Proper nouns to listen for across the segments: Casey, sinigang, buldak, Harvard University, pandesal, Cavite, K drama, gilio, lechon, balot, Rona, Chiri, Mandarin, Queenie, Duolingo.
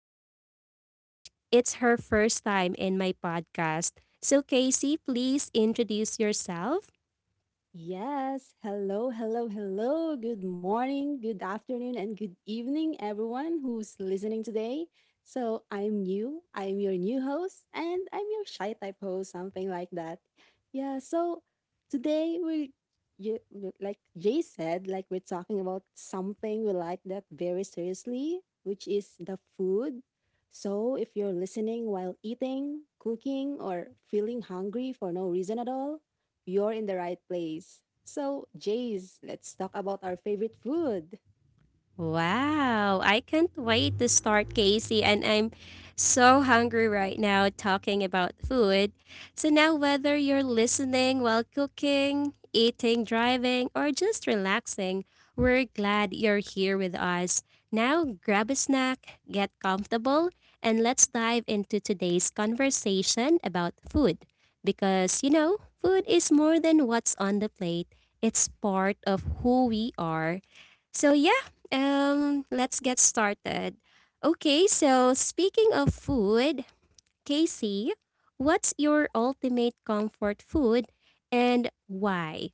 Casey. It's her first time in my podcast. So, Casey, please introduce yourself. Yes. Hello, hello, hello. Good morning, good afternoon, and good evening, everyone who's listening today. So, I'm new. I'm your new host, and I'm your shy type host, something like that. Yeah. So, today we're, like Jay said, like we're talking about something we like that very seriously, which is the food. So, if you're listening while eating, cooking, or feeling hungry for no reason at all, you're in the right place. So, Jace, let's talk about our favorite food. Wow, I can't wait to start, Casey, and I'm so hungry right now talking about food. So, now whether you're listening while cooking, eating, driving, or just relaxing, we're glad you're here with us. Now, grab a snack, get comfortable, and let's dive into today's conversation about food. Because, you know, food is more than what's on the plate, it's part of who we are. So, yeah. Let's get started. Okay, so speaking of food, Casey, what's your ultimate comfort food and why?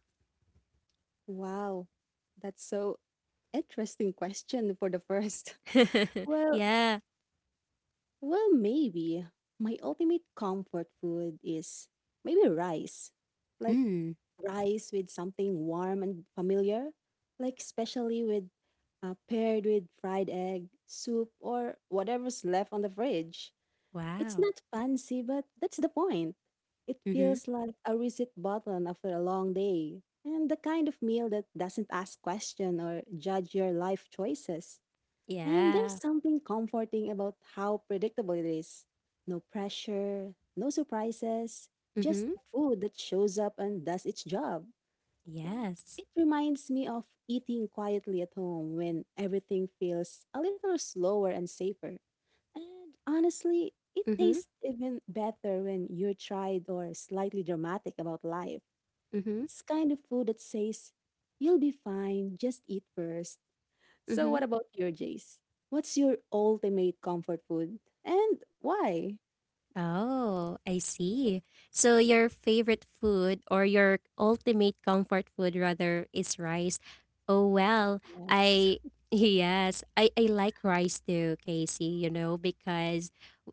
Wow, that's so interesting question for the first. Well, Yeah. well, maybe my ultimate comfort food is maybe rice. Like Mm. rice with something warm and familiar, like especially with paired with fried egg, soup, or whatever's left on the fridge. It's Wow. not fancy, but that's the point. It Mhm. feels like a reset button after a long day, and the kind of meal that doesn't ask question or judge your life choices. And there's Yeah. something comforting about how predictable it is. No pressure, no surprises, just Mhm. food that shows up and does its job. And it Yes. reminds me of eating quietly at home when everything feels a little slower and safer. And honestly, it Mhm. tastes even better when you're tried or slightly dramatic about life. Mhm. It's kind of food that says, you'll be fine, just eat first. So, Mhm. what about your Jace? What's your ultimate comfort food and why? Oh, I see. So your favorite food or your ultimate comfort food rather is rice. Oh well, Yes, I yes, I like rice too, Casey, you know, because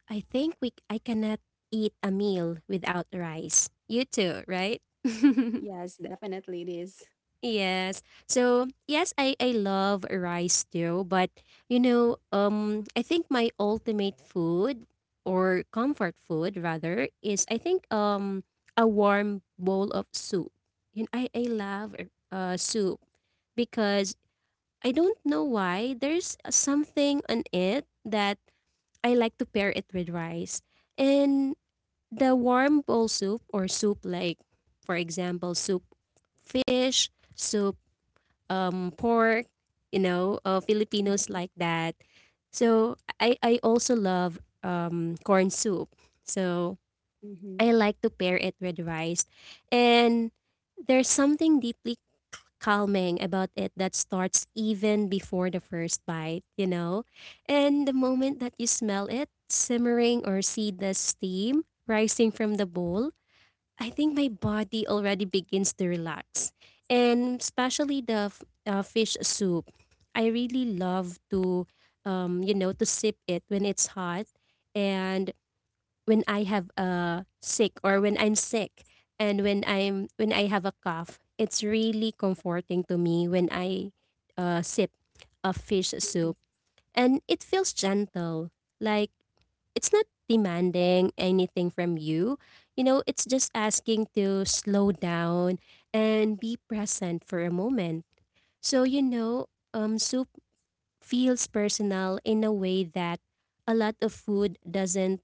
I think we I cannot eat a meal without rice. You too, right? yes, definitely it is. Yes. So, yes, I love rice too, but you know, I think my ultimate food or comfort food rather is I think a warm bowl of soup. You know, I love soup because I don't know why there's something on it that I like to pair it with rice. And the warm bowl soup or soup like for example soup fish, soup pork. You know, Filipinos Mm-hmm. like that. So I also love corn soup. So Mm-hmm. I like to pair it with rice, and there's something deeply calming about it that starts even before the first bite. You know, and the moment that you smell it simmering or see the steam rising from the bowl, I think my body already begins to relax. And especially the fish soup. I really love to, you know, to sip it when it's hot, and when I have a sick or when I'm sick, and when I have a cough. It's really comforting to me when I sip a fish soup, and it feels gentle. Like it's not demanding anything from you. You know, it's just asking to slow down and be present for a moment. So, you know, soup feels personal in a way that a lot of food doesn't.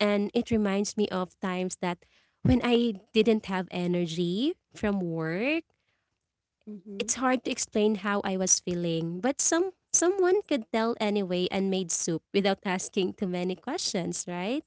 And it reminds me of times that when I didn't have energy from work, Mm-hmm. it's hard to explain how I was feeling, but someone could tell anyway and made soup without asking too many questions, right?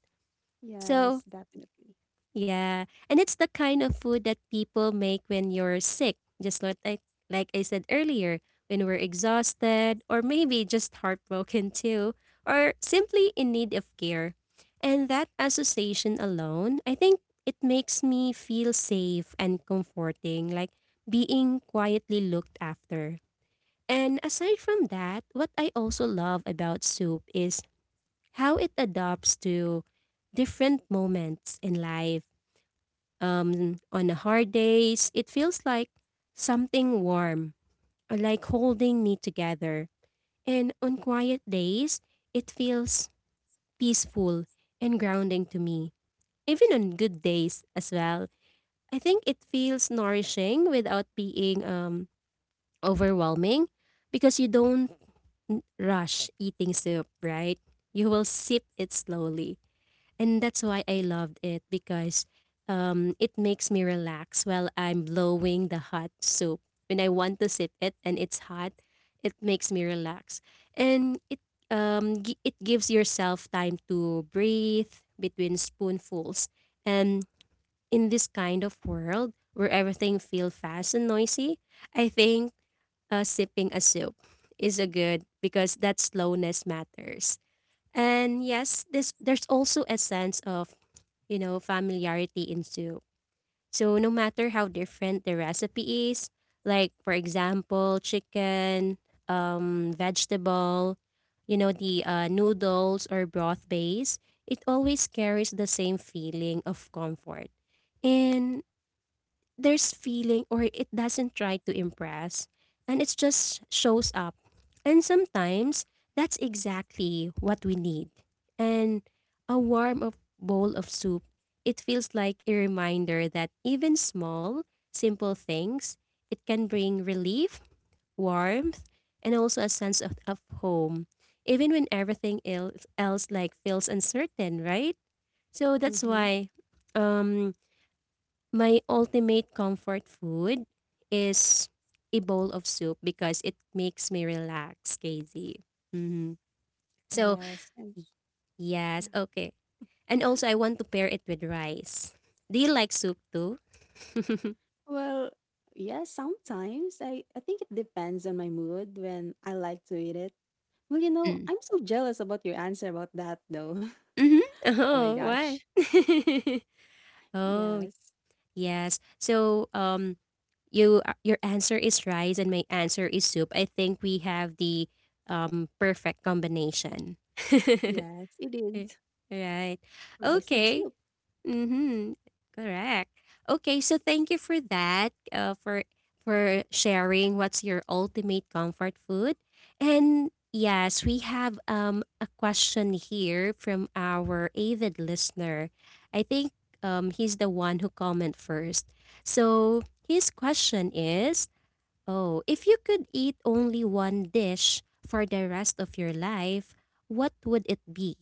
Yes, So, definitely. yeah, and it's the kind of food that people make when you're sick, just like I said earlier, when we're exhausted or maybe just heartbroken too, or simply in need of care. And that association alone, I think it makes me feel safe and comforting, like being quietly looked after. And aside from that, what I also love about soup is how it adapts to different moments in life. On the hard days, it feels like something warm, or like holding me together. And on quiet days, it feels peaceful and grounding to me. Even on good days as well, I think it feels nourishing without being overwhelming, because you don't rush eating soup, right? You will sip it slowly. And that's why I loved it, because it makes me relax while I'm blowing the hot soup. When I want to sip it and it's hot, it makes me relax. And it gives yourself time to breathe between spoonfuls. And in this kind of world where everything feels fast and noisy, I think sipping a soup is a good because that slowness matters. And yes, this there's also a sense of, you know, familiarity in soup. So no matter how different the recipe is, like for example, chicken, vegetable, you know, the noodles or broth base, it always carries the same feeling of comfort. And there's feeling or it doesn't try to impress, and it just shows up. And sometimes that's exactly what we need. And a warm of bowl of soup, it feels like a reminder that even small, simple things, it can bring relief, warmth, and also a sense of home, even when everything else like feels uncertain, right? So that's Mm-hmm. why um my ultimate comfort food is a bowl of soup because it makes me relax, Casey. Hmm. So, Yes. And y- yeah. yes, okay. And also, I want to pair it with rice. Do you like soup too? Well, yes, sometimes I think it depends on my mood when I like to eat it. Well, Mm. I'm so jealous about your answer about that though. Hmm. Oh my Oh, why? gosh. Oh, Yes. yes. So, your answer is rice, and my answer is soup. I think we have the perfect combination. Yes, it is. Right. Rice with Okay. soup. Mm-hmm. Correct. Okay, so thank you for that, for sharing what's your ultimate comfort food. And yes, we have a question here from our avid listener. I think he's the one who comment first. So his question is, oh, if you could eat only one dish for the rest of your life, what would it be?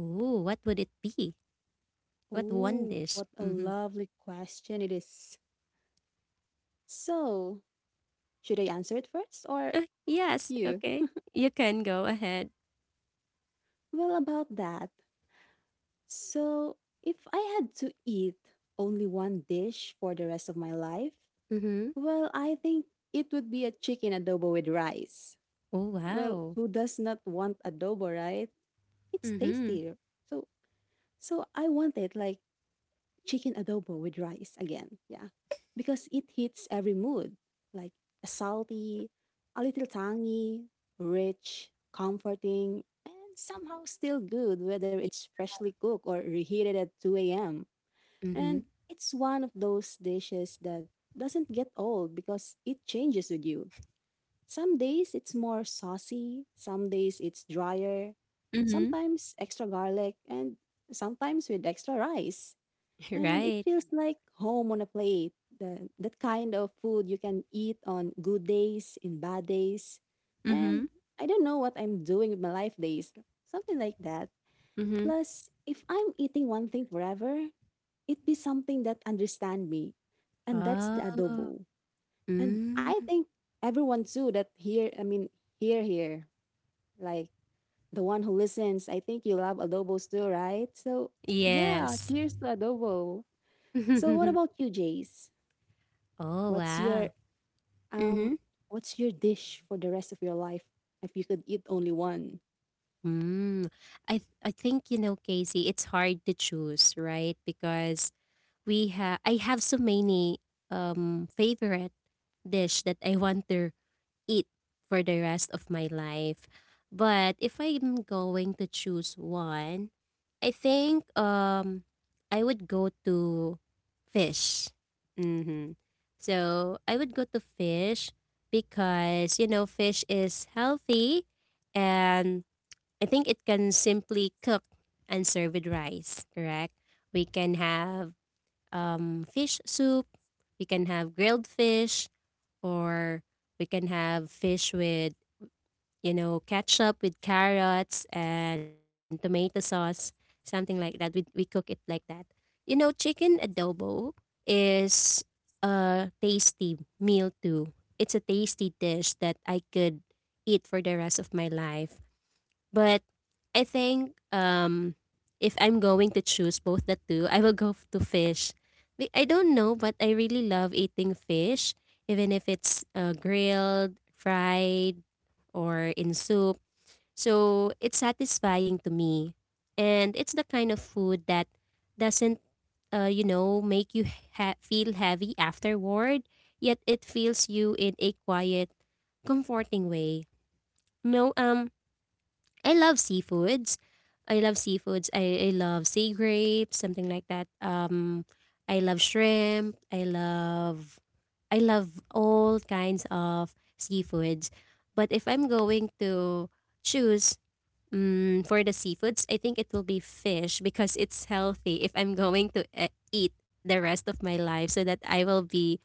Ooh, what would it be? What one Oh, dish? what a Mm-hmm. lovely question it is. So, should I answer it first or Yes, you? okay. You can go ahead. Well, about that. So, if I had to eat only one dish for the rest of my life, Mm-hmm. well, I think it would be a chicken adobo with rice. Oh, Well, wow. who does not want adobo, right? It's Mm-hmm. tastier. So so I want it like chicken adobo with rice again. Yeah. Because it hits every mood, like salty, a little tangy, rich, comforting, and somehow still good whether Yeah. it's freshly cooked or reheated at 2 a.m. Mm-hmm. And it's one of those dishes that doesn't get old because it changes with you, some days it's more saucy, some days it's drier, Mm-hmm. sometimes extra garlic, and sometimes with extra rice. And it Right. feels like home on a plate, that kind of food you can eat on good days, in bad days. And Mm-hmm. I don't know what I'm doing with my life days, something like that. Mm-hmm. Plus, if I'm eating one thing forever, it be something that understand me, and that's the Oh. adobo. And I Mm. think everyone too that here, I mean, here, like the one who listens, I think you love adobos too, right? So yeah, Yes. cheers to adobo. So what about you, Jace? Oh, What's your wow. um, Mm-hmm. what's your dish for the rest of your life if you could eat only one? Mm. I think, you know, Casey, it's hard to choose, right? Because we have I have so many favorite dish that I want to eat for the rest of my life. But if I'm going to choose one, I think I would go to fish. Mm-hmm. So I would go to fish because you know fish is healthy, and I think it can simply cook and serve with rice. Correct. We can have fish soup. We can have grilled fish, or we can have fish with, you know, ketchup with carrots and tomato sauce, something like that. We cook it like that. You know, chicken adobo is a tasty meal too. It's a tasty dish that I could eat for the rest of my life. But I think if I'm going to choose both the two, I will go to fish. I don't know, but I really love eating fish, even if it's grilled, fried, or in soup. So it's satisfying to me. And it's the kind of food that doesn't, you know, make you feel heavy afterward, yet it fills you in a quiet, comforting way. No, I love seafoods. I love seafoods. I love sea grapes, something like that. I love shrimp. I love all kinds of seafoods. But if I'm going to choose for the seafoods, I think it will be fish because it's healthy. If I'm going to eat the rest of my life, so that I will be,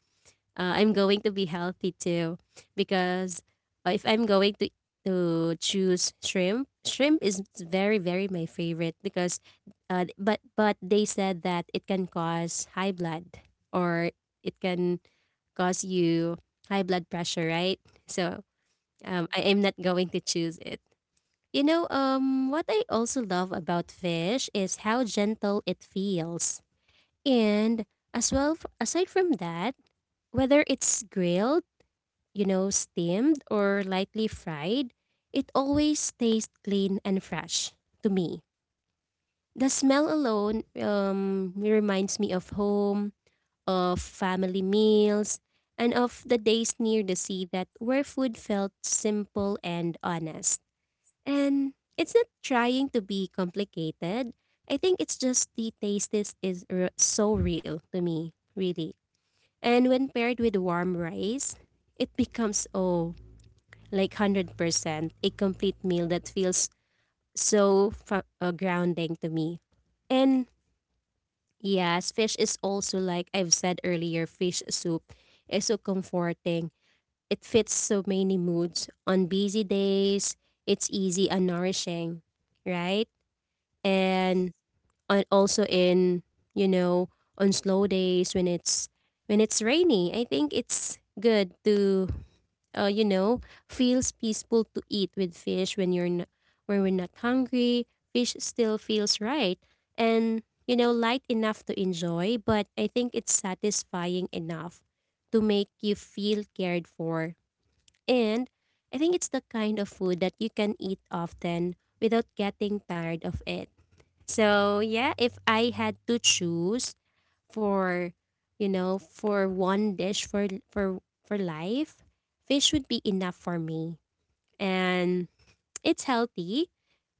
uh, I'm going to be healthy too. Because if I'm going to choose shrimp, shrimp is very very my favorite because, but they said that it can cause high blood, or it can cause you high blood pressure, right? So Mhm. I am not going to choose it. You know, what I also love about fish is how gentle it feels. And as well, aside from that, whether it's grilled, you know, steamed or lightly fried, it always tastes clean and fresh to me. The smell alone reminds me of home, of family meals, and of the days near the sea that where food felt simple and honest. And it's not trying to be complicated. I think it's just the taste is so real to me, really. And when paired with warm rice, it becomes, like 100% a complete meal that feels grounding to me. And yes, fish is also, like I've said earlier, fish soup is so comforting. It fits so many moods. On busy days, it's easy and nourishing, right? Yes. And on also in you know on slow days when it's rainy, I think it's good to uh, you know feels peaceful to eat with fish. When we're not hungry, fish still feels right, and light enough to enjoy, but I think it's satisfying enough to make you feel cared for. And I think it's the kind of food that you can eat often without getting tired of it. So yeah, if I had to choose for you know for one dish, for life, fish would be enough for me, and it's healthy,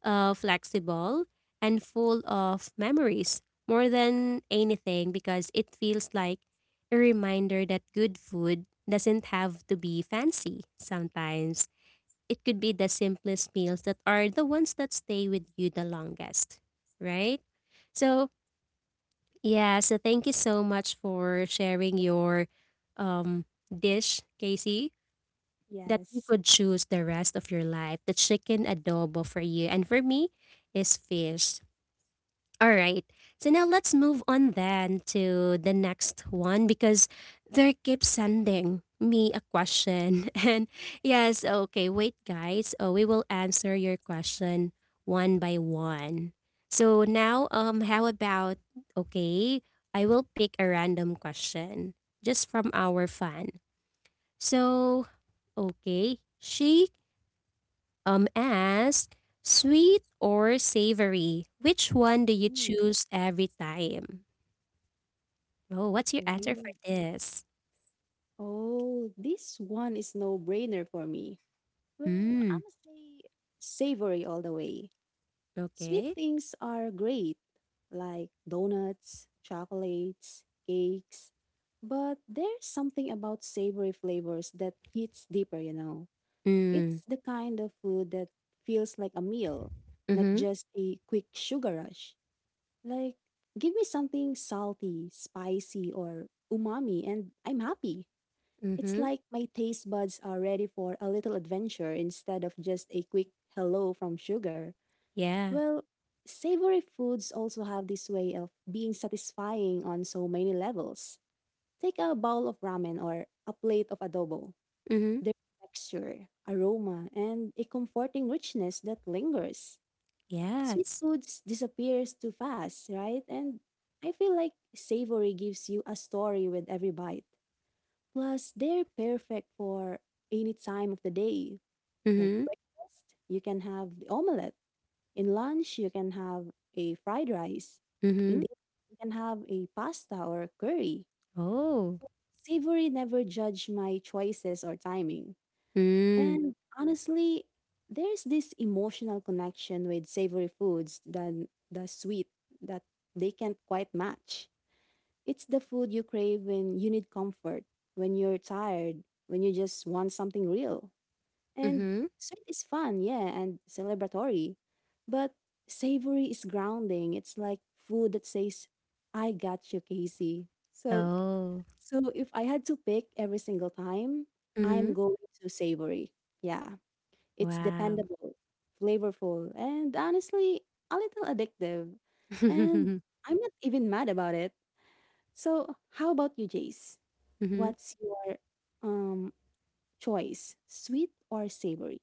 flexible, and full of memories. More than anything, because it feels like a reminder that good food doesn't have to be fancy. Sometimes it could be the simplest meals that are the ones that stay with you the longest, right? So yeah, so thank you so much for sharing your um dish, Casey, that you Yes. could choose the rest of your life. The chicken adobo for you, and for me is fish. All right. So now let's move on then to the next one, because they keep sending me a question. And yes, okay, wait, guys. Oh, we will answer your question one by one. So now, how about okay? I will pick a random question just from our fan. So, okay, she asked, sweet or savory? Which one do you Ooh, choose every time? Oh, what's your answer for ooh. this? Oh, this one is no brainer for me. Well, Mm, I'm gonna say savory all the way. Sweet okay. things are great, like donuts, chocolates, cakes, but there's something about savory flavors that hits deeper, you know. It's Mm, the kind of food that feels like a meal, not mm-hmm, just a quick sugar rush. Like, give me something salty, spicy, or umami, and I'm happy. It's mm-hmm. like my taste buds are ready for a little adventure instead of just a quick hello from sugar. Yeah. Well, savory foods also have this way of being satisfying on so many levels. Take a bowl of ramen or a plate of adobo. Mm-hmm. Their texture, aroma, and a comforting richness that lingers. Sweet Yes. foods disappears too fast, right? And I feel like savory gives you a story with every bite. Plus, they're perfect for any time of the day. Like Mm-hmm. breakfast, you can have the omelette, in lunch, you can have a fried rice. In Mm-hmm. dinner, you can have a pasta or curry. Oh. Savory never judged my choices or timing. Mm. And honestly, there's this emotional connection with savory foods than the sweet that they can't quite match. It's the food you crave when you need comfort, when you're tired, when you just want something real. And Mm-hmm. sweet is fun, yeah, and celebratory. But savory is grounding. It's like food that says, I got you, Casey. So Oh. so if I had to pick every single time, I'm Mm-hmm. going to savory. Yeah. It's Wow. dependable, flavorful, and honestly, a little addictive. And mm-hmm. I'm not even mad about it. So how about you, Jace? What's your um choice? Sweet or savory?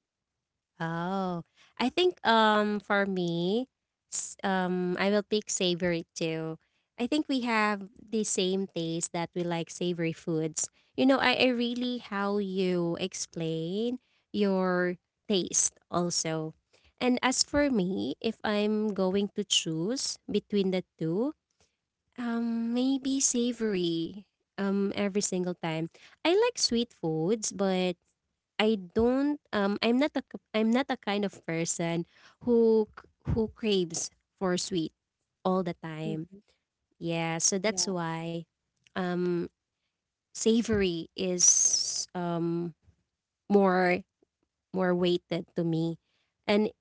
Oh, I think for me, I will pick savory too. I think we have the same taste, that we like savory foods. You know, I really how you explain your taste also. And as for me, if I'm going to choose between the two, maybe savory every single time. I like sweet foods, but I don't I'm not a kind of person who craves for sweet all the time. Hmm. Yeah, so that's Yeah. why um savory is more, more weighted to me. And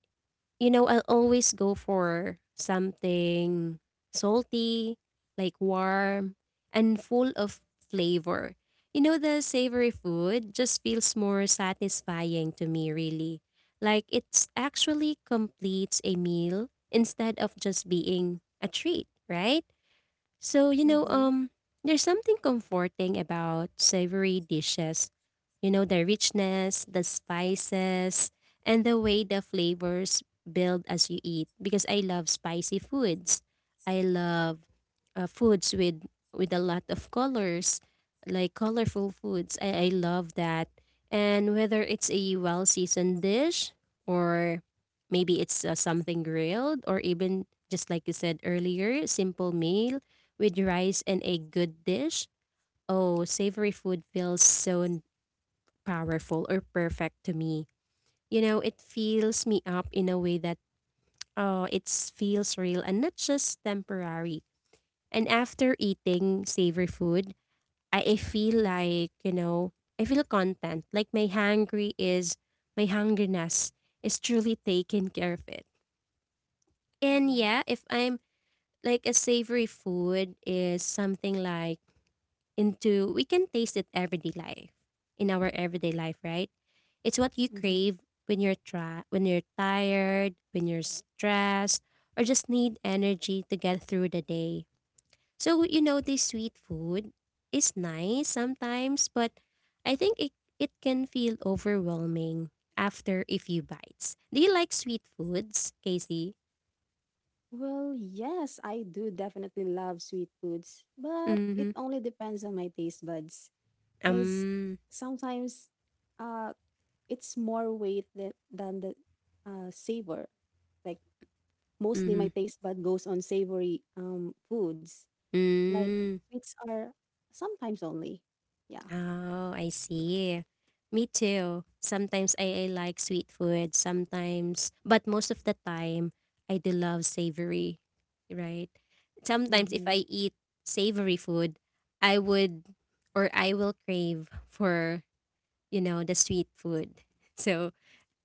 you know, I'll always go for something salty, like warm, and full of flavor. You know, the savory food just feels more satisfying to me, really. Like it's actually completes a meal instead of just being a treat, right? So, you know, Mm-hmm. There's something comforting about savory dishes. You know, the richness, the spices, and the way the flavors build as you eat. Because I love spicy foods. I love foods with a lot of colors, like colorful foods. I love that. And whether it's a well seasoned dish or maybe it's something grilled, or even just like you said earlier, simple meal with rice and a good dish, oh, savory food feels powerful or perfect to me. You know, it fills me up in a way that, feels real and not just temporary. And after eating savory food, I feel like, you know, I feel content. Like my hungriness is truly taken care of it. And Yeah. yeah, if I'm like, a savory food is something like into we can taste it everyday life in our everyday life, right? It's what you Mm-hmm. crave when you're tired, when you're stressed, or just need energy to get through the day. So you know, this sweet food is nice sometimes, but i think it, it can feel overwhelming after a few bites. Do you like sweet foods, Casey? Well, yes, I do definitely love sweet foods, but it Mm-hmm. only depends on my taste buds. Because um sometimes uh, it's more weight that, than the savor. Like mostly mm-hmm. my taste bud goes on savory foods. Like Mm. sweets are sometimes only. Yeah. Oh, I see. Me too. Sometimes I like sweet food, sometimes, but most of the time, I do love savory, right? Sometimes if Mm-hmm. I eat savory food, I would, or I will crave for, you know, the sweet food. So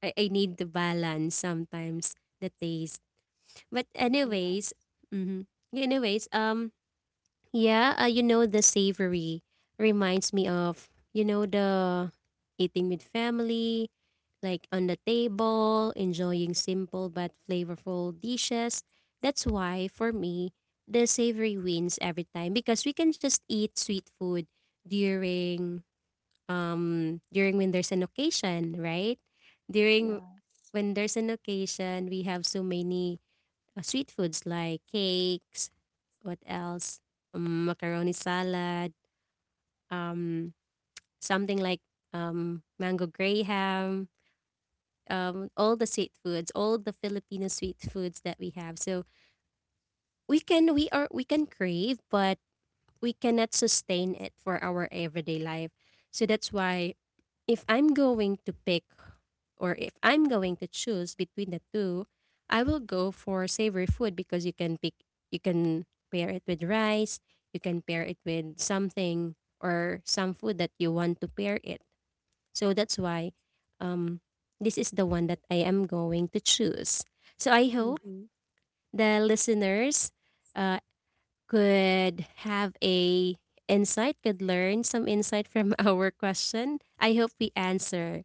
I need to balance sometimes the taste. But Yeah. anyways, mm-hmm, anyways, yeah, you know, the savory reminds me of, you know, the eating with family, like on the table, enjoying simple but flavorful dishes. That's why, for me, the savory wins every time, because we can just eat sweet food during when there's an occasion, right? During Yeah. when there's an occasion, we have so many sweet foods like cakes, what else? Macaroni salad, um, something like mango graham, all the sweet foods, all the Filipino sweet foods that we have. So we can crave, but we cannot sustain it for our everyday life. So that's why if I'm going to pick, or if I'm going to choose between the two, I will go for savory food because you can pick, you can pair it with rice, you can pair it with something or some food that you want to pair it. So that's why um this is the one that I am going to choose. So I hope Mm-hmm. the listeners uh, could have a insight, could learn some insight from our question. I hope we answer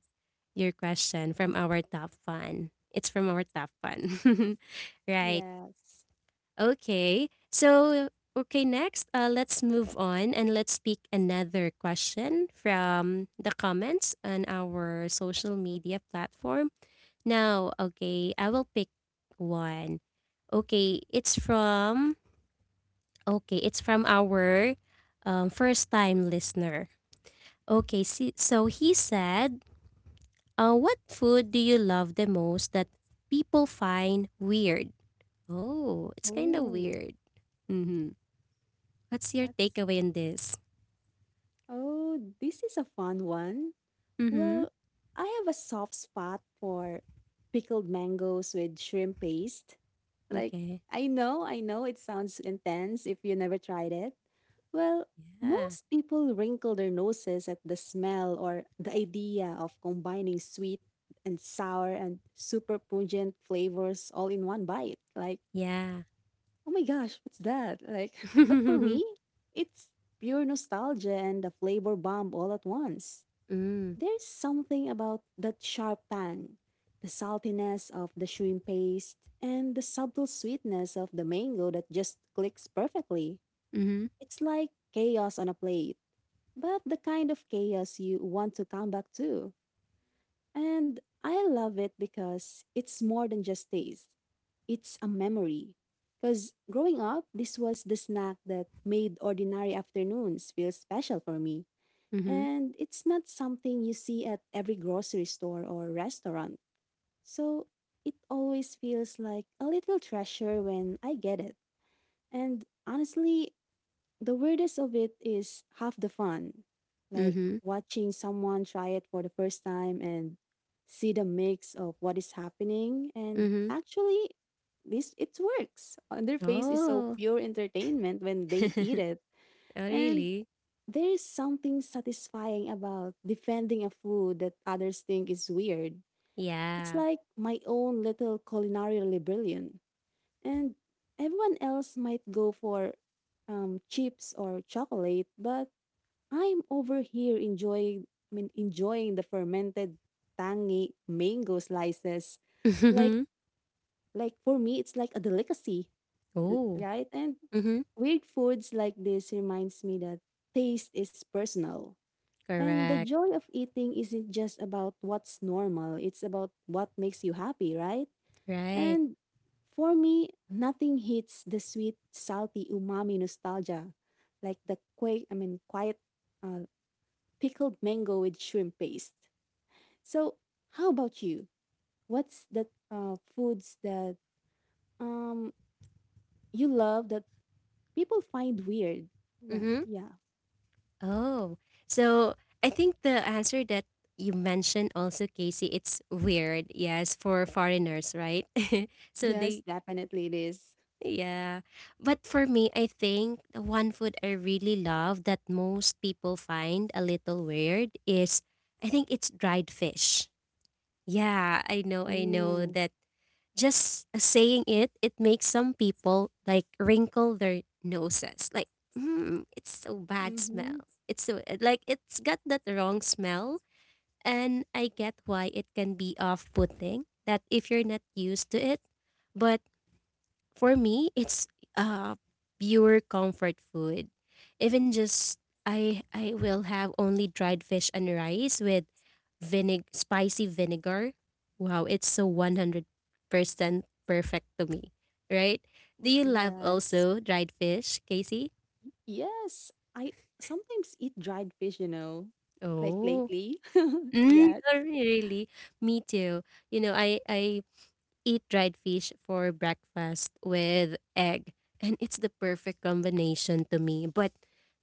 your question from our top fan. It's from our top fan. Right. Yes. Okay. So, okay, next, let's move on and let's pick another question from the comments on our social media platform. Now, okay, I will pick one. Okay, it's from our first time listener. Okay, see, so he said, what food do you love the most that people find weird? Oh, it's kind of Oh, weird. Mm-hmm. What's your that's takeaway on this? Oh, this is a fun one. Mm-hmm. Well, I have a soft spot for pickled mangoes with shrimp paste. Like, Okay. I know it sounds intense if you never tried it. Well, Yeah. most people wrinkle their noses at the smell or the idea of combining sweet and sour and super pungent flavors all in one bite. Like, Yeah. oh my gosh, what's that? Like, but for mm. me, it's pure nostalgia and a flavor bomb all at once. There's something about that sharp tang, the saltiness of the shrimp paste, and the subtle sweetness of the mango that just clicks perfectly. Mm-hmm. It's like chaos on a plate, but the kind of chaos you want to come back to. And I love it because it's more than just taste. It's a memory. Because growing up, this was the snack that made ordinary afternoons feel special for me. Mm-hmm. And it's not something you see at every grocery store or restaurant. So it always feels like a little treasure when I get it. And honestly, the weirdest of it is half the fun, like Mm-hmm. watching someone try it for the first time and see the mix of what is happening. And Mm-hmm. actually, this it works. On their face is so Oh. pure entertainment when they eat oh, it, and really? there is something satisfying about defending a food that others think is weird. It's Yeah. like my own little culinary rebellion. And everyone else might go for chips or chocolate, but I'm over here enjoying I mean enjoying the fermented tangy mango slices. Like Mm-hmm. like for me it's like a delicacy, Oh. right? And Mm-hmm. weird foods like this reminds me that taste is personal. And the Correct. joy of eating isn't just about what's normal, it's about what makes you happy, right? Right. And for me, nothing hits the sweet, salty umami nostalgia like the quake, I mean, quiet uh, pickled mango with shrimp paste. So, how about you? What's the foods that um you love that people find weird? Like, Mm-hmm. yeah. Oh, so I think the answer that you mentioned also, Casey, it's weird. Yes, for foreigners, right? So Yes, they, definitely it is. yeah. But for me, I think the one food I really love that most people find a little weird is, I think it's dried fish. Yeah, I know Ooh. that just saying it, it makes some people like wrinkle their noses. Like, mm, it's so bad Mm-hmm. smell. It's so like it's got that wrong smell, and I get why it can be off-putting, that if you're not used to it. But for me, it's uh pure comfort food. Even just I will have only dried fish and rice with vinegar, spicy vinegar. Wow, it's so 100% perfect to me, right? Oh, Do you love yes. also dried fish, Casey? Yes. I sometimes eat dried fish, like Oh. lately. Mm, yes. oh, really? Me too. You know, I eat dried fish for breakfast with egg. And it's the perfect combination to me. But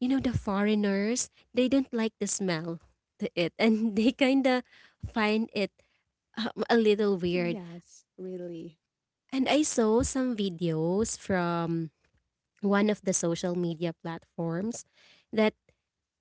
you know, the foreigners, they don't like the smell to it. And they kind of find it a little weird. Yes, really. And I saw some videos from one of the social media platforms that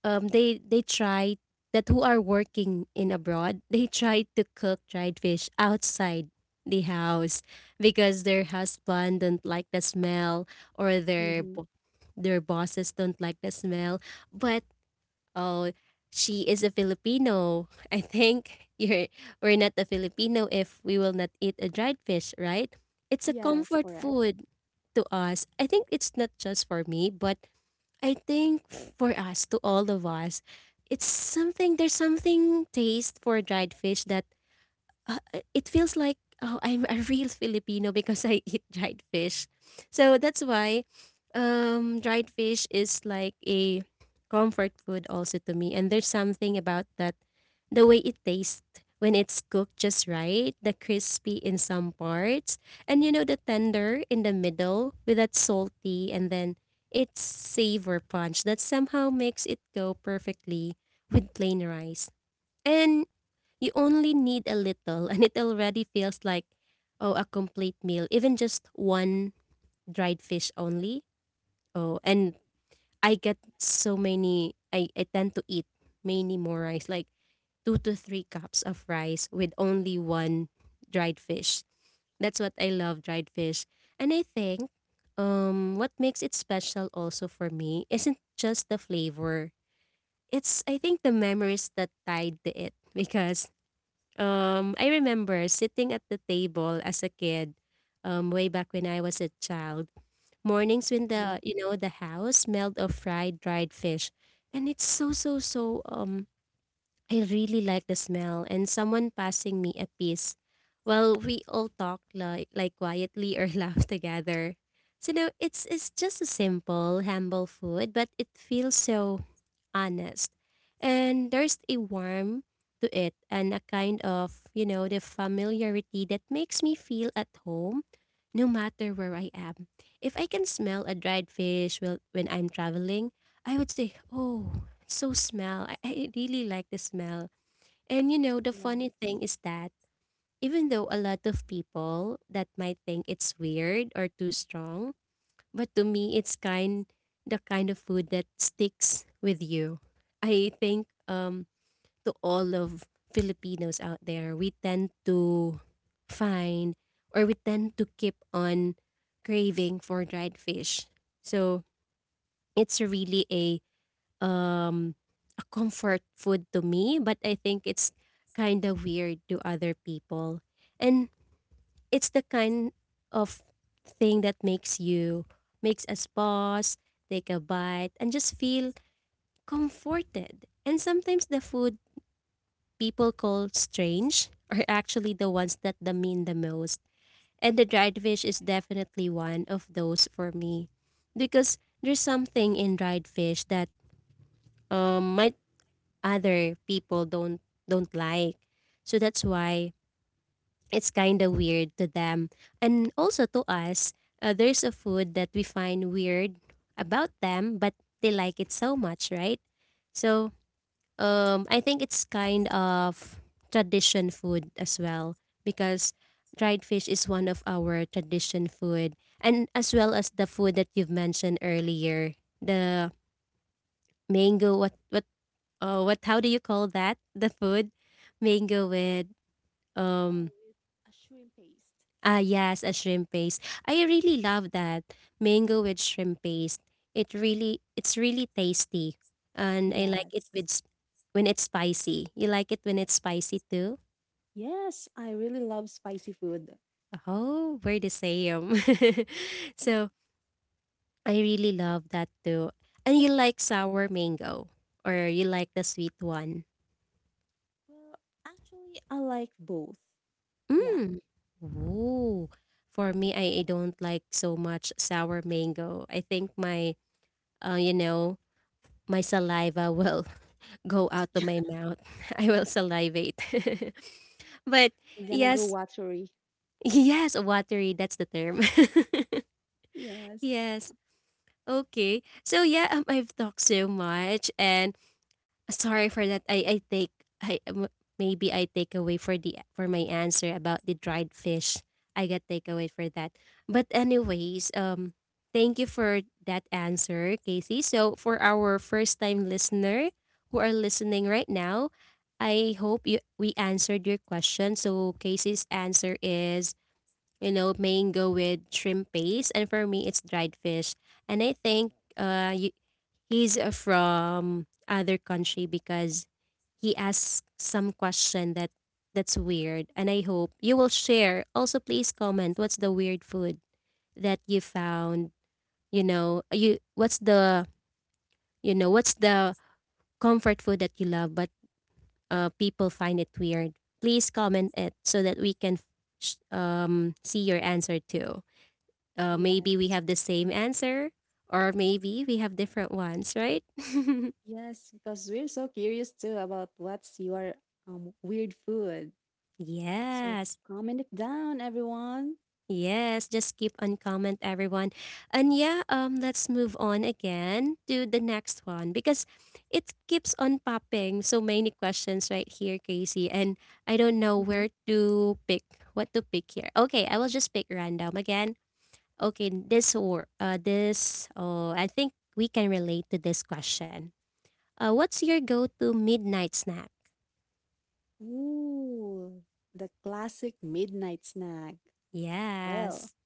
they try, that who are working in abroad, they try to cook dried fish outside the house because their husband don't like the smell, or their Mm-hmm. bo- their bosses don't like the smell. But oh, she is a Filipino. I think you're we're not a Filipino if we will not eat a dried fish, right? It's a Yes, comfort correct. food to us. I think it's not just for me, but I think for us, to all of us, it's something, there's something taste for dried fish that it feels like, oh, I'm a real Filipino because I eat dried fish. So that's why dried fish is like a comfort food also to me. And there's something about that, the way it tastes when it's cooked just right, the crispy in some parts, and you know, the tender in the middle, with that salty and then its savor punch that somehow makes it go perfectly with plain rice. And you only need a little, and it already feels like, oh, a complete meal. Even just one dried fish only. Oh, and I get so many, I tend to eat many more rice, like two to three cups of rice with only one dried fish. That's what I love, dried fish. And I think what makes it special also for me isn't just the flavor, it's, I think, the memories that tied to it. Because I remember sitting at the table as a kid, way back when I was a child. Mornings when Mm, the you know the house smelled of fried dried fish, and it's so, so, so I really like the smell, and someone passing me a piece. Well, we all talk like quietly, or laugh together. So no, it's just a simple, humble food, but it feels so honest. And there's a warmth to it and a kind of, the familiarity that makes me feel at home no matter where I am. If I can smell a dried fish while when I'm traveling, I would say, "Oh, so smell. I really like the smell. And the funny yes. thing is that even though a lot of people that might think it's weird or too strong, but to me it's kind the kind of food that sticks with you. I think to all of Filipinos out there, we tend to find or we tend to keep on craving for dried fish. So it's really um a comfort food to me, but I think it's kind of weird to other people. And it's the kind of thing that makes us pause, take a bite and just feel comforted. And sometimes the food people call strange are actually the ones that the mean the most. And the dried fish is definitely one of those for me because there's something in dried fish that might other people don't like. So that's why it's kind of weird to them. And also to us, there's a food that we find weird about them, but they like it so much, right? So I think it's kind of tradition food as well because dried fish is one of our tradition food and as well as the food that you've mentioned earlier, the mango, what. Oh, what? How do you call that? The food, mango with Oh, um. with a shrimp paste. Ah, yes, a shrimp paste. I really love that mango with shrimp paste. It's really tasty, and I like it Yes. When it's spicy. You like it when it's spicy too? Yes, I really love spicy food. Oh, we're the same. So I really love that too. And you like sour mango, or you like the sweet one? Well, actually, I like both. Yeah. Mm. Ooh. For me, I don't like so much sour mango. I think uh, you know, my saliva will go out to my mouth. I will salivate. But I'm gonna go yes, watery. yes, watery, that's the term. Yes. Yes. Okay. So yeah, I've talked so much and sorry for that. I take I m- maybe I take away for my answer about the dried fish. I got takeaway for that. But anyways, thank you for that answer, Casey. So for our first time listener who are listening right now, I hope you we answered your question. So Casey's answer is mango with shrimp paste, and for me, it's dried fish. And I think he's from other country because he asked some question that's weird. And I hope you will share. Also, please comment what's the weird food that you found. You know, you what's the you know what's the comfort food that you love, but people find it weird. Please comment it so that we can see your answer too, maybe we Yes. have the same answer or maybe we have different ones, right? Yes, because we're so curious too about what's your weird food. So Yes. comment it down, everyone. Yes, just keep on comment everyone. And yeah, let's move on again to the next one because it keeps on popping so many questions right here, Casey, and I don't know Mhm. where to pick what to pick here. Okay, I will just pick random again. Okay, this. I think we can relate to this question. What's your go-to midnight snack? Ooh, the classic midnight snack. Well, Yes.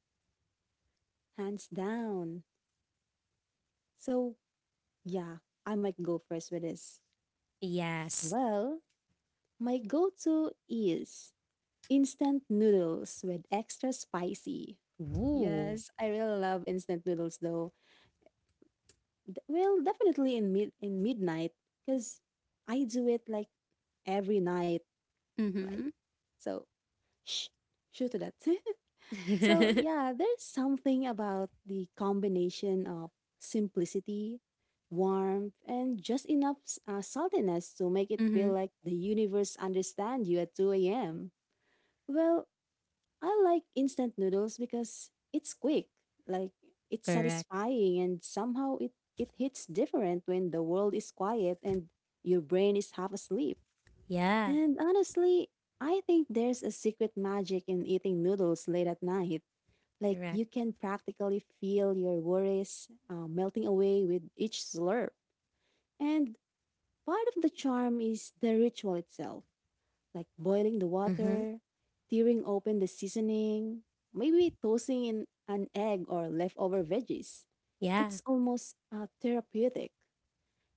hands down. So, yeah, I might go first with this. Yes. Well, my go to is instant noodles with extra spicy. Ooh. Yes, I really love instant noodles though. Well, definitely in midnight because I do it like every night. Like Mm-hmm. so, shh, shoot to that. so yeah, there's something about the combination of simplicity, warmth, and just enough saltiness to make it feel Mm-hmm. like the universe understands you at 2 a.m. Well, I like instant noodles because it's quick, like it's Correct. satisfying, and somehow it hits different when the world is quiet and your brain is half asleep. Yeah. And honestly, I think there's a secret magic in eating noodles late at night. Like you Correct. can practically feel your worries melting away with each slurp. And part of the charm is the ritual itself, like boiling the Mm-hmm. water, tearing open the seasoning, maybe tossing in an egg or leftover veggies. It's Yeah. almost therapeutic.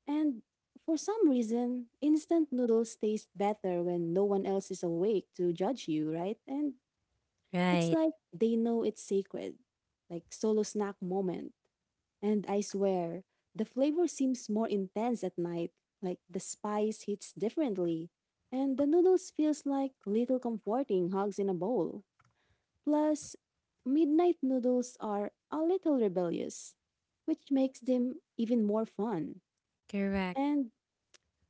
And for some reason, instant noodles taste better when no one else is awake to judge you, right? And it's Right. like they know it's sacred, like solo snack moment. And I swear, the flavor seems more intense at night, like the spice hits differently. And the noodles feels like little comforting hugs in a bowl. Plus, midnight noodles are a little rebellious, which makes them even more fun. Correct. And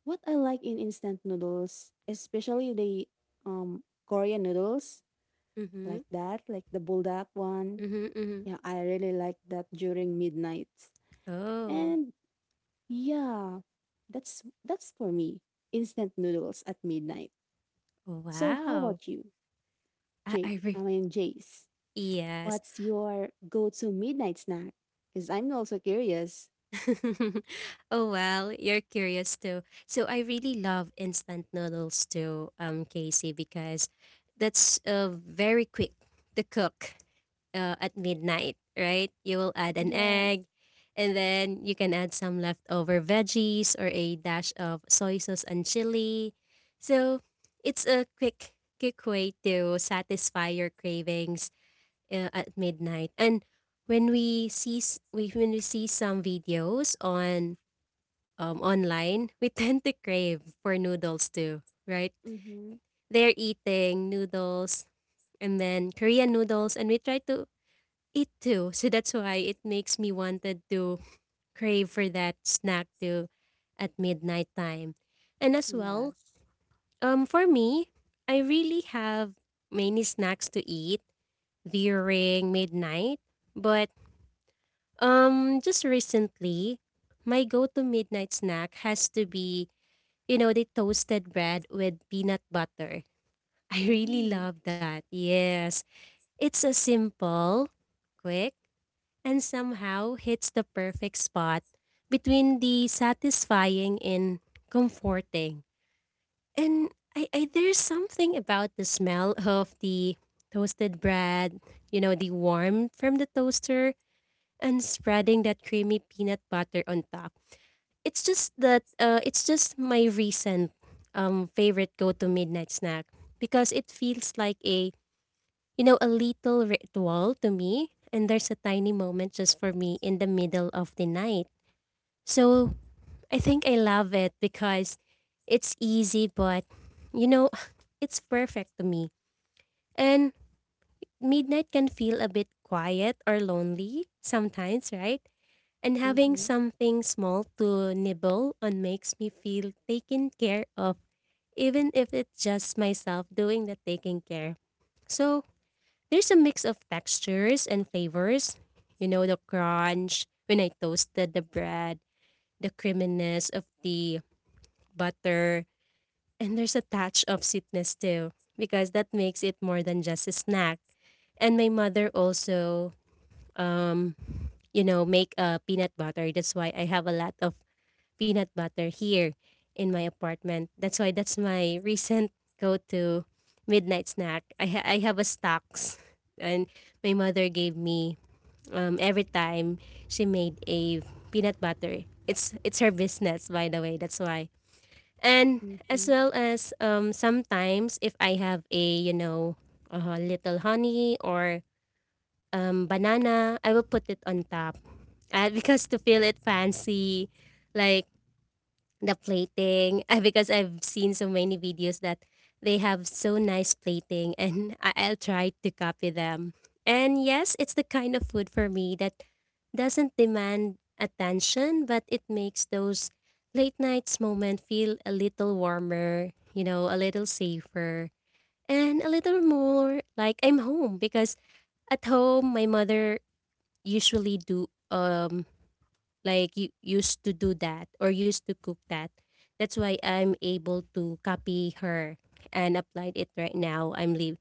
what I like in instant noodles, especially the Korean noodles Mm-hmm. like that, like the buldak one. Mm-hmm. Mm-hmm. Yeah, I really like that during midnight. Oh. And yeah, that's for me. Instant noodles at midnight. So how Wow. about you, I, Jay? I I re- mean Jace. yes. What's your go-to midnight snack? Because I'm also curious. Oh well, you're curious too. So I really love instant noodles too, Casey, because that's very quick to cook, at midnight, right? You will add an Yes. egg and then you can add some leftover veggies or a dash of soy sauce and chili. So it's a quick way to satisfy your cravings, at midnight. And when we see some videos on online, we tend to crave for noodles too, right? Mm-hmm. They're eating noodles and then Korean noodles, and we tried to eat too. So that's why it makes me wanted to crave for that snack too at midnight time. And as well, Yes. For me, I really have many snacks to eat during midnight, but just recently, my go-to midnight snack has to be, the toasted bread with peanut butter. I really Ooh. love that. Yes. It's a simple, quick and somehow hits the perfect spot between the satisfying and comforting. And I there's something about the smell of the toasted bread, the warmth from the toaster and spreading that creamy peanut butter on top. It's just my recent favorite go to midnight snack because it feels like a little ritual to me, and there's a tiny moment just for me in the middle of the night. So I think I love it because it's easy, but you know, it's perfect to me. And midnight can feel a bit quiet or lonely sometimes, right? And having Mm-hmm. something small to nibble on makes me feel taken care of, even if it's just myself doing the taking care. So there's a mix of textures and flavors. You know, the crunch when I toasted the bread, the creaminess of the butter, and there's a touch of sweetness too, because that makes it more than just a snack. And my mother also, um, make a peanut butter. That's why I have a lot of peanut butter here in my apartment. That's why that's my recent go-to midnight snack. I have a stocks, and my mother gave me, every time she made a peanut butter. It's her business, by the way. That's why. And as Mm-hmm. well as, sometimes if I have a a little honey or, banana, I will put it on top, because to feel it fancy, like the plating, because I've seen so many videos that they have so nice plating, and I'll try to copy them. And yes, it's the kind of food for me that doesn't demand attention, but it makes those late nights moment feel a little warmer, a little safer and a little more like I'm home because at home my mother usually do like you used to do that or used to cook that. That's why I'm able to copy her and applied it right now. I'm leave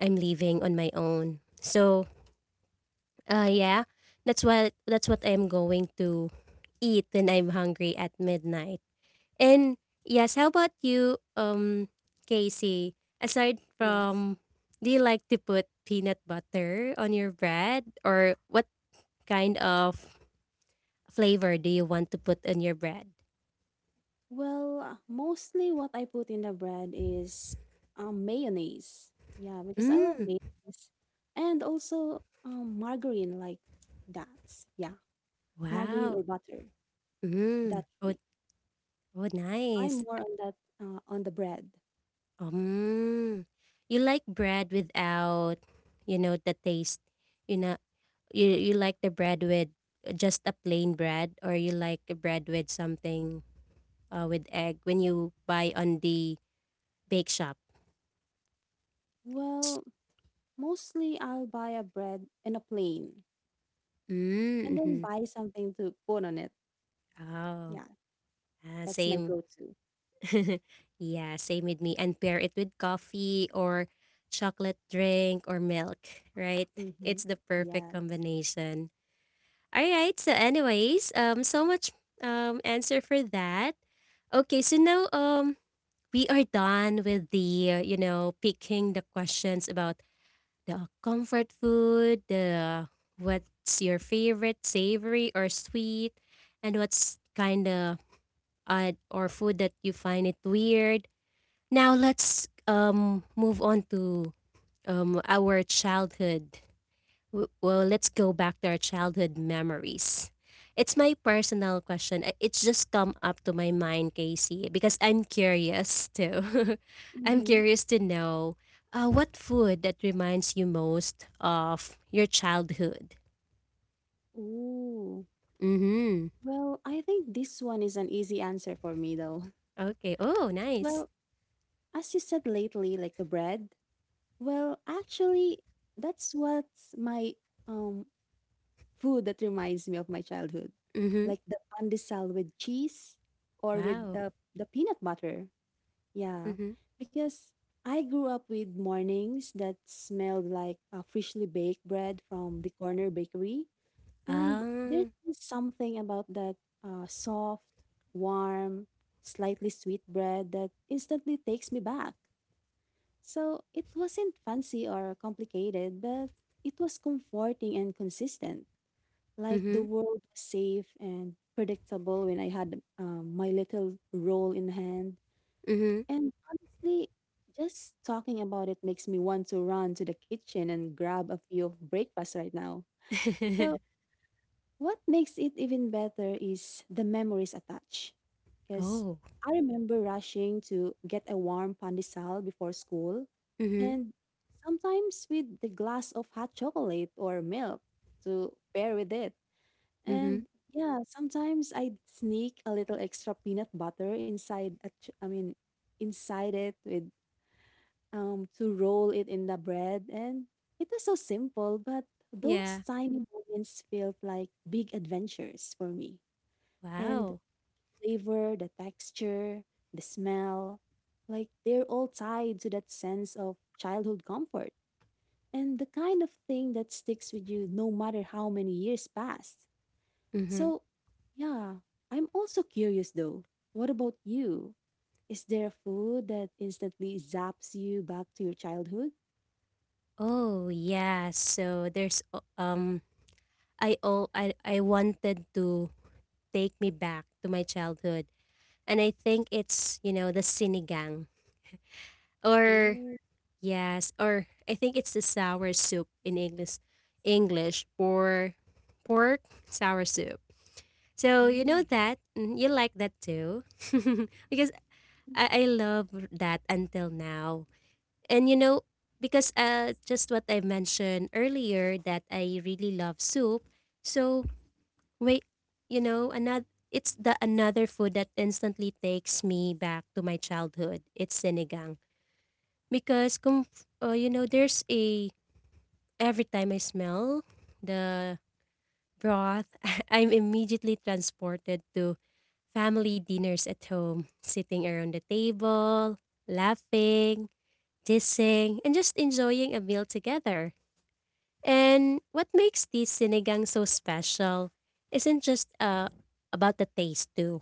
I'm leaving on my own. So yeah, that's what I'm going to eat when I'm hungry at midnight. And yes, how about you, Casey? Aside Yes. from do you like to put peanut butter on your bread or what kind of flavor do you want to put on your bread? Well, mostly what I put in the bread is mayonnaise. Yeah, because I love Mm, mayonnaise. And also margarine like that. Yeah, margarine wow. or butter. Mm, That oh, three. oh, I'm nice. more on that on the bread. Um, you like bread without, the taste. You know, you like the bread with just a plain bread, or you like a bread with something, with egg when you buy on the bake shop. Well, mostly I'll buy a bread and a plain and Mm, then hmm. buy something to put on it. Oh, Yeah, ah, that's my same. go-to. Yeah, same with me. And pair it with coffee or chocolate drink or milk, right? Mm-hmm. It's the perfect Yeah. combination. All right. So, anyways, so much answer for that. Okay. So now we are done with the picking the questions about the comfort food, the what's your favorite savory or sweet, and what's kind of odd or food that you find it weird. Now let's, move on to, our childhood. Well, let's go back to our childhood memories. It's my personal question. It's just come up to my mind, Casey, because I'm curious too. I'm Mm-hmm. curious to know, what food that reminds you most of your childhood. Ooh. Mm-hmm. Well, I think this one is an easy answer for me though. Okay. Oh, nice. Well, as you said lately, like the bread. Well, actually, that's what's my um food that reminds me of my childhood, Mm-hmm. like the pandesal with cheese or with Wow. The peanut butter. Yeah, Mm-hmm. because I grew up with mornings that smelled like freshly baked bread from the corner bakery, and there's Ah. just something about that soft, warm, slightly sweet bread that instantly takes me back. So it wasn't fancy or complicated, but it was comforting and consistent. Like the Mm-hmm. world was safe and predictable when I had my little roll in hand. Mm-hmm. And honestly, just talking about it makes me want to run to the kitchen and grab a few of breakfast right now. So what makes it even better is the memories attached. Because Oh. I remember rushing to get a warm pandesal before school, Mm-hmm. and sometimes with the glass of hot chocolate or milk to pair with it. Mm-hmm. And yeah, sometimes I'd sneak a little extra peanut butter inside, I mean, inside it with to roll it in the bread. And it was so simple, but those Yeah. tiny moments felt like big adventures for me. And Wow. flavor, the texture, the smell, like they're all tied to that sense of childhood comfort and the kind of thing that sticks with you no matter how many years pass. Mm-hmm. So, yeah, I'm also curious though. What about you? Is there a food that instantly zaps you back to your childhood? Oh yeah. So there's o- I oh I wanted to take me back to my childhood, and I think it's the sinigang or yes or I think it's the sour soup in English or pork sour soup. So you know Mm, that, you like that too. Because I love that until now. And because just what I mentioned earlier that I really love soup. So wait, another it's the another food that instantly takes me back to my childhood. It's sinigang because there's a every time I smell the broth, I'm immediately transported to family dinners at home, sitting around the table, laughing, kissing, and just enjoying a meal together. And what makes this sinigang so special isn't just, about the taste too.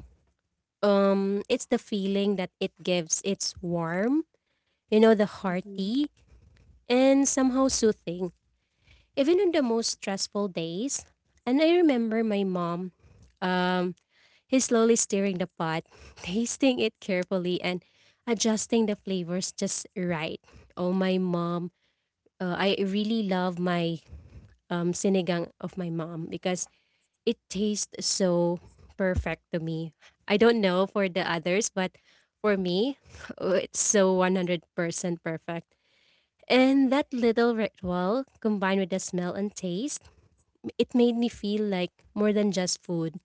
It's the feeling that it gives. It's warm, you know, the mhm, hearty, and somehow soothing, even on the most stressful days. And I remember my mom, um, he's slowly stirring the pot, tasting it carefully, and adjusting the flavors just right. Oh, my mom. I really love my sinigang of my mom because it tastes so perfect to me. I don't know for the others, but for me, oh, it's so 100% perfect. And that little ritual combined with the smell and taste, it made me feel like more than just food.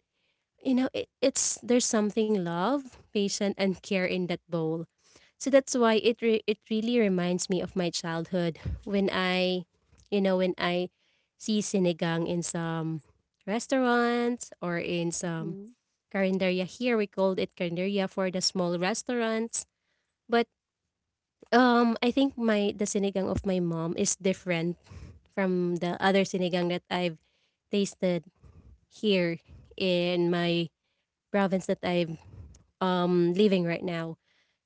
It's there's something love, patience, and care in that bowl. So that's why it really reminds me of my childhood. When I, you know, when I see sinigang in some restaurants or in some mhm. carinderia, here we called it carinderia for the small restaurants. But I think my the sinigang of my mom is different from the other sinigang that I've tasted here in my province that I've living right now.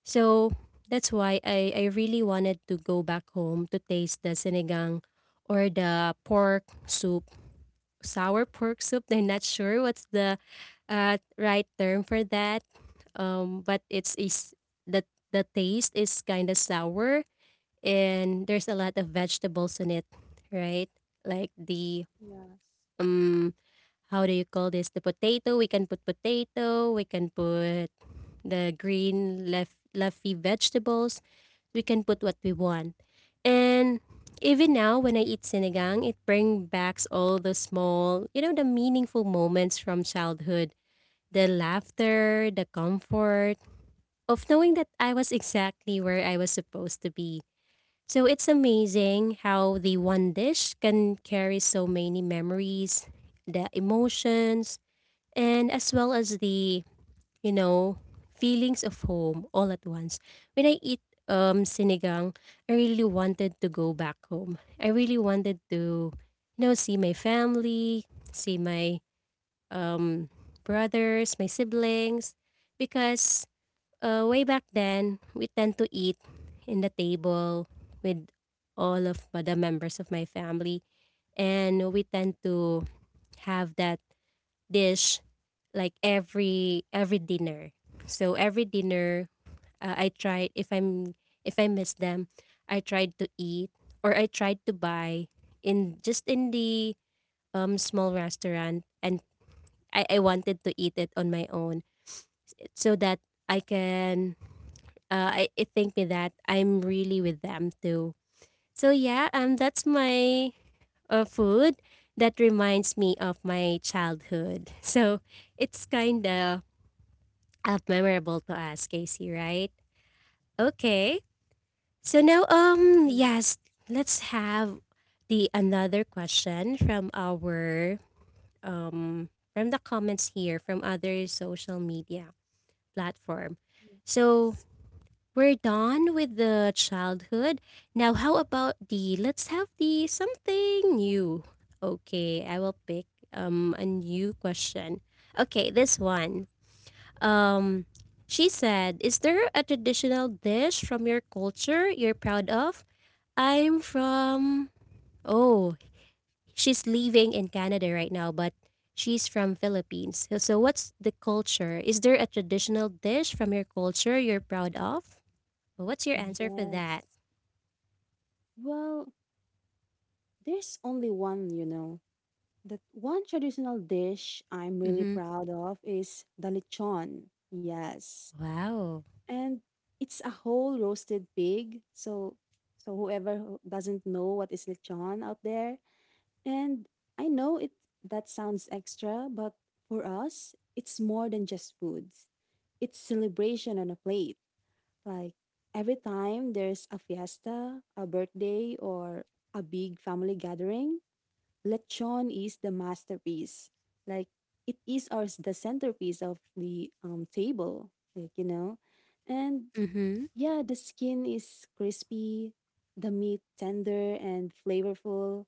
So that's why I really wanted to go back home to taste the sinigang, or the pork soup, sour pork soup. I'm not sure what's the right term for that. But it's is the the taste is kind of sour, and there's a lot of vegetables in it, right? Like the Yes. um, how do you call this? The potato. We can put potato. We can put the green leafy vegetables. We can put what we want. And even now, when I eat sinigang, it brings back all the small, you know, the meaningful moments from childhood. The laughter, the comfort of knowing that I was exactly where I was supposed to be. So it's amazing how the one dish can carry so many memories, the emotions, and as well as the, you know, feelings of home all at once. When I eat sinigang, I really wanted to go back home. I really wanted to, you know, see my family, see my um brothers, my siblings, because way back then we tend to eat in the table with all of the members of my family, and we tend to have that dish like every dinner. So every dinner, I tried if I'm if I miss them, I tried to eat or I tried to buy in just in the small restaurant. And I wanted to eat it on my own so that I can it think me that I'm really with them too. So yeah, that's my food that reminds me of my childhood. So it's kind of memorable to us, Casey, right? Okay. So now, Yes, yes, let's have the another question from our from the comments here from other social media platform. So yes, we're done with the childhood. Now, how about the let's have the something new? Okay, I will pick a new question. Okay, this one. Um, she said, is there a traditional dish from your culture you're proud of? I'm from oh, she's living in Canada right now, but she's from Philippines. So, so what's the culture? Is there a traditional dish from your culture you're proud of? Well, what's your answer for yes. that? Well, there's only one, you know. That one traditional dish I'm really Mm-hmm. proud of is the lechon. Yes. Wow. And it's a whole roasted pig. So so whoever who doesn't know what is lechon out there, and I know it that sounds extra, but for us, it's more than just foods. It's celebration on a plate. Like every time there's a fiesta, a birthday, or a big family gathering, lechon is the masterpiece. Like it is our the centerpiece of the table. Like you know, and Mm-hmm. yeah, the skin is crispy, the meat tender and flavorful,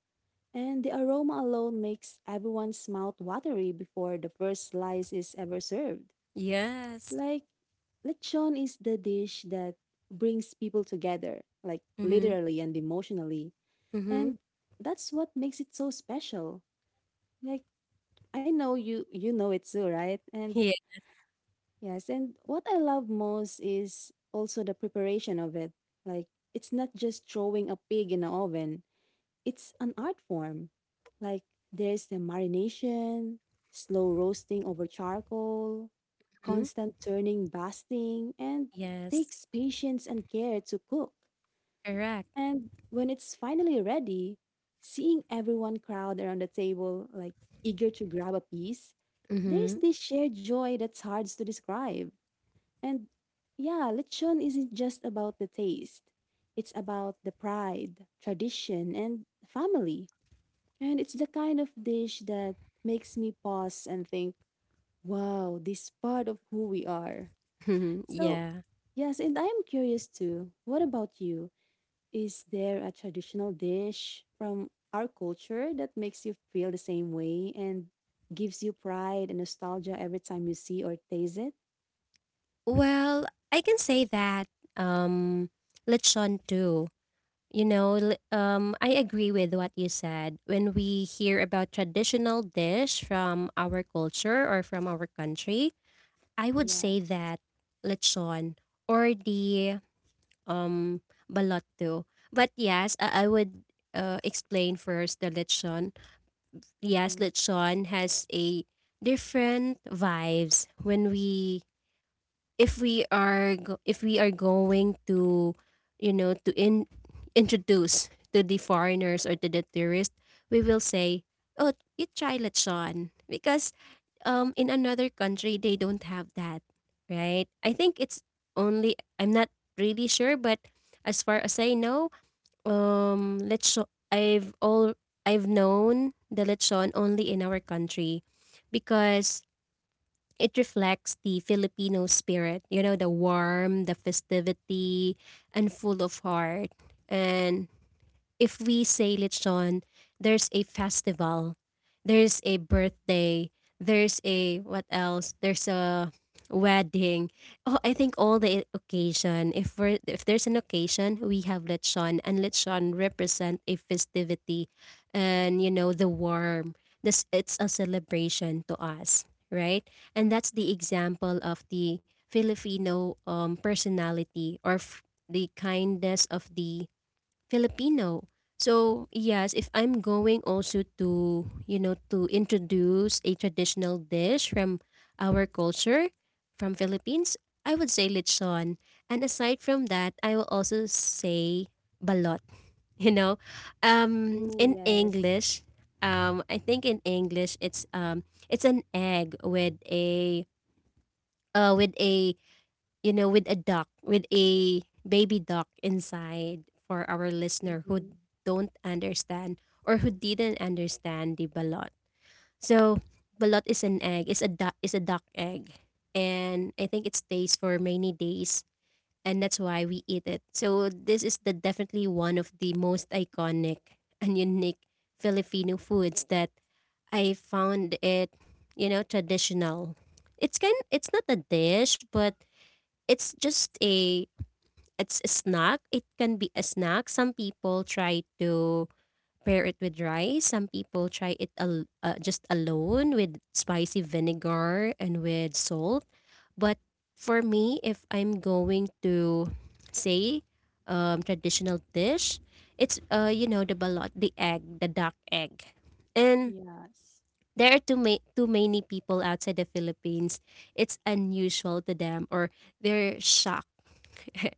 and the aroma alone makes everyone's mouth watery before the first slice is ever served. Yes. Like lechon is the dish that brings people together, like Mm-hmm. literally and emotionally. Mm-hmm. And that's what makes it so special. Like I know you know it too, right? And Yeah. yes, and what I love most is also the preparation of it. Like it's not just throwing a pig in an oven. It's an art form. Like there's the marination, slow roasting over charcoal, Mhm. constant turning, basting, and Yes. takes patience and care to cook. Correct. And when it's finally ready, seeing everyone crowd around the table, like eager to grab a piece, Mm-hmm. there's this shared joy that's hard to describe. And yeah, lechon isn't just about the taste. It's about the pride, tradition, and family. And it's the kind of dish that makes me pause and think, wow, this part of who we are. So, yeah. yes, and I'm curious too. What about you? Is there a traditional dish from our culture that makes you feel the same way and gives you pride and nostalgia every time you see or taste it? Well, I can say that um lechon too. You know, I agree with what you said. When we hear about traditional dish from our culture or from our country, I would say Yes. that lechon, or the um balot too. But yes, I would explain first the lechon. Yes, Mm-hmm. lechon has a different vibes when we if we are if we are going to, you know, to in introduce to the foreigners or to the tourist, we will say oh you try lechon because in another country they don't have that, right? I think it's only, I'm not really sure, but as far as I know, lechon, i've all I've known the lechon only in our country, because it reflects the Filipino spirit, you know, the warm, the festivity, and full of heart. And if we say lechon, there's a festival, there's a birthday, there's a what else? There's a wedding. Oh, I think all the occasion. If we are if there's an occasion, we have lechon, and lechon represent a festivity, and you know the warm. This it's a celebration to us, right? And that's the example of the Filipino personality or the kindness of the Filipino. So, yes, if I'm going also to, you know, to introduce a traditional dish from our culture, from Philippines, I would say lechon. And aside from that, I will also say balot, you know. Oh, In yes. English, I think in English it's an egg with a with a, you know, with a duck, with a baby duck inside, for our listener who Mm-hmm. don't understand or who didn't understand the balot. So, balot is an egg. It's a duck. It's a duck egg, and I think it stays for many days, and that's why we eat it. So, this is the definitely one of the most iconic and unique Filipino foods that I found it, you know, traditional. It's kind. It's not a dish, but it's just a it's a snack. It can be a snack. Some people try to pair it with rice. Some people try it just alone with spicy vinegar and with salt. But for me, if I'm going to say traditional dish, it's you know the balot, the egg, the duck egg, and Yes. there are too many people outside the Philippines. It's unusual to them, or they're shocked.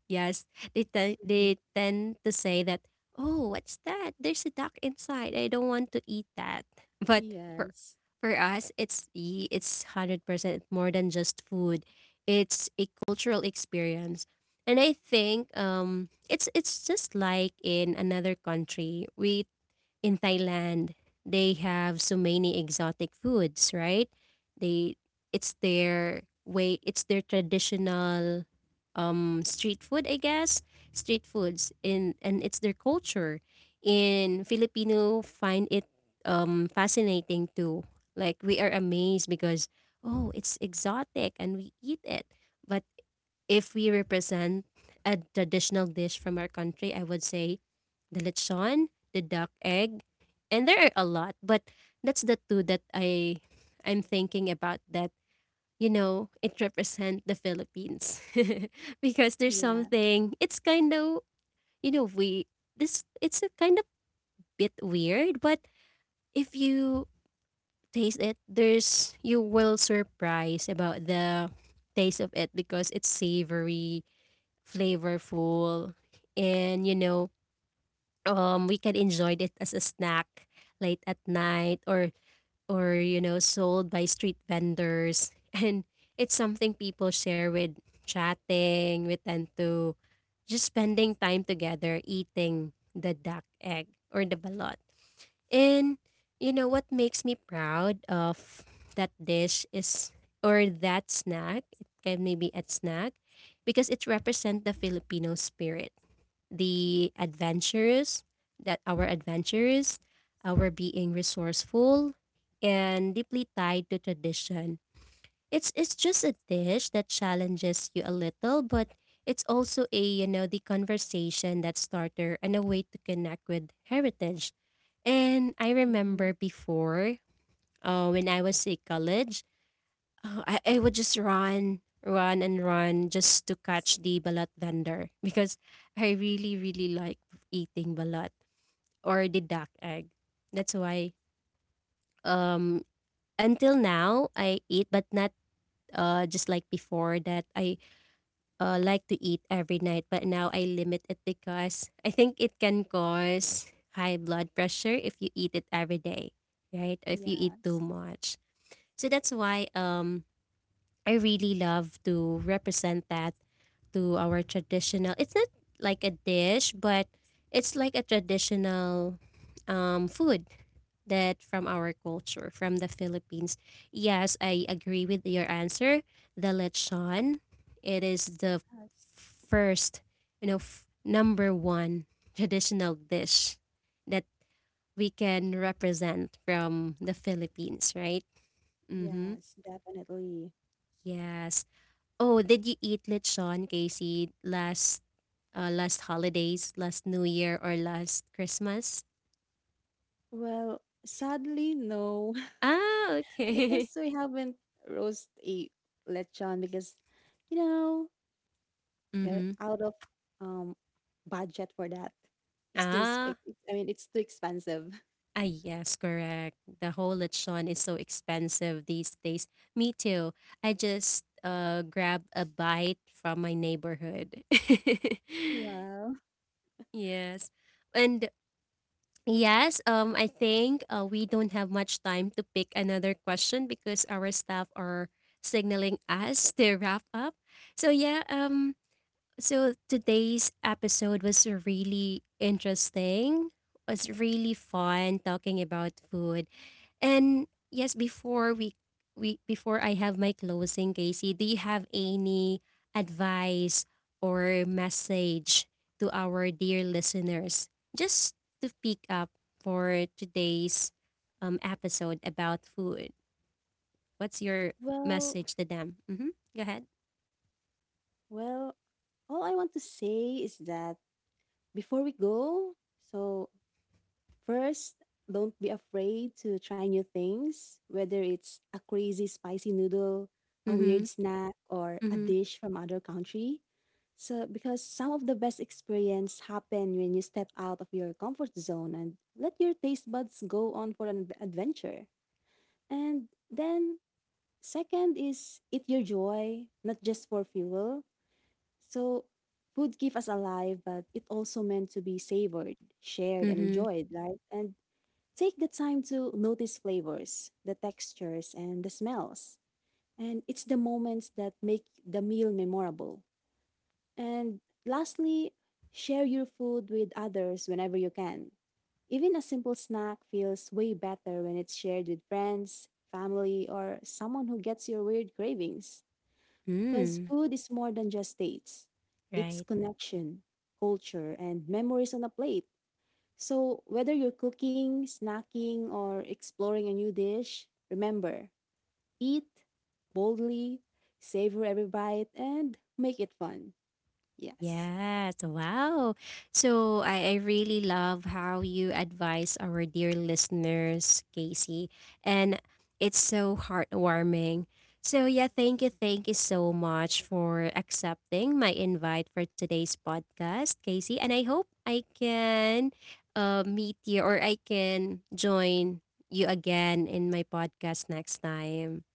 Yes, they Mm-hmm. they tend to say that, "Oh, what's that? There's a duck inside. I don't want to eat that." But Yes. for us, it's the it's 100% more than just food. It's a cultural experience. And I think it's just like in another country, we in Thailand, they have so many exotic foods, right? They it's their way, it's their traditional street food, I guess, street foods in and it's their culture. In Filipino find it fascinating too. Like we are amazed because oh, it's exotic and we eat it. But if we represent a traditional dish from our country, I would say the lechon, the duck egg, and there are a lot, but that's the two that I'm thinking about that, you know, it represent the Philippines. because there's Yes. something it's kind of, you know, we this it's a kind of bit weird, but if you taste it, there's you will surprise about the taste of it because it's savory, flavorful, and you know, we can enjoy it as a snack late at night or you know, sold by street vendors, and it's something people share with chatting. We tend to just spending time together eating the duck egg or the balot. And you know what makes me proud of that dish is or that snack, it can maybe a snack because it represents the Filipino spirit, the adventurous, that our adventurous, our being resourceful and deeply tied to tradition. It's just a dish that challenges you a little, but it's also a you know the conversation that starter and a way to connect with heritage. And I remember Mm-hmm. before, when I was in college, I would just run, run, and run just to catch the balat vendor because I really, really like eating balat or the duck egg. That's why um, until now I eat, but not just like before that I like to eat every night, but now I limit it because I think it can cause high blood pressure if you eat it every day, right? If you eat too Yes. much. So that's why I really love to represent that to our traditional. It's not like a dish, but it's like a traditional food that from our culture, from the Philippines. Yes, I agree with your answer. The lechon, it is the Yes. first, you know, number one traditional dish that we can represent from the Philippines, right? Mm-hmm. Yes, definitely. Yes. Oh, did you eat lechon, Casey, last last holidays, last New Year, or last Christmas? Well, sadly, no, Ah, okay. because we haven't roast a lechon because, you know, mm-hmm. out of um budget for that. It's too, Ah, it, I mean, it's too expensive. ah, yes, correct. The whole lechon is so expensive these days. Me too. I just grab a bite from my neighborhood. Wow. yes. And yes, I think we don't have much time to pick another question because our staff are signaling us to wrap up. So yeah, so today's episode was really interesting. Was really fun talking about food. And yes, before we before I have my closing, Casey, do you have any advice or message to our dear listeners just to pick up for today's episode about food? What's your Well, message to them? Mm-hmm. Go ahead. well, all I want to say is that before we go, so first, don't be afraid to try new things, whether it's a crazy spicy noodle, a weird Mm-hmm. snack, or a Mm-hmm. dish from other country. So because some of the best experience happen when you step out of your comfort zone and let your taste buds go on for an adventure. And then second is eat your joy, not just for fuel. So food keep us alive, but it also meant to be savored, shared, and Mm-hmm. enjoyed, right? And take the time to notice flavors, the textures, and the smells. And it's the moments that make the meal memorable. And lastly, share your food with others whenever you can. Even a simple snack feels way better when it's shared with friends, family, or someone who gets your weird cravings. Because Mm. food is more than just dates, it's Right. connection, culture, and memories on a plate. So, whether you're cooking, snacking, or exploring a new dish, remember eat boldly, savor every bite, and make it fun. Yes. Yes. Wow. So I really love how you advise our dear listeners, Casey. And it's so heartwarming. So yeah, thank you so much for accepting my invite for today's podcast, Casey. And I hope I can meet you or I can join you again in my podcast next time.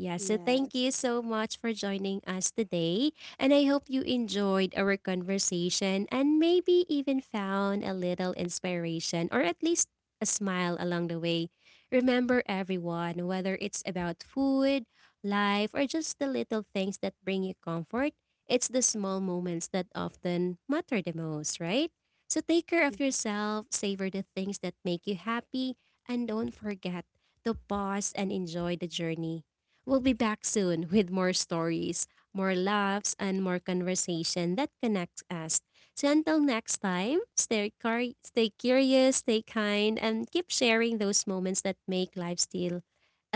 Yeah, so thank Yes. you so much for joining us today. And I hope you enjoyed our conversation and maybe even found a little inspiration or at least a smile along the way. Remember, everyone, whether it's about food, life, or just the little things that bring you comfort, it's the small moments that often matter the most, right? So take care Yeah. of yourself, savor the things that make you happy, and don't forget to pause and enjoy the journey. We'll be back soon with more stories, more laughs, and more conversation that connects us. So until next time, stay, stay curious, stay kind, and keep sharing those moments that make life still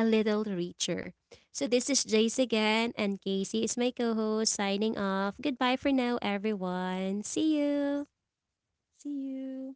a little richer. So this is Jace again, and Casey is my co-host signing off. Goodbye for now, everyone. See you. See you.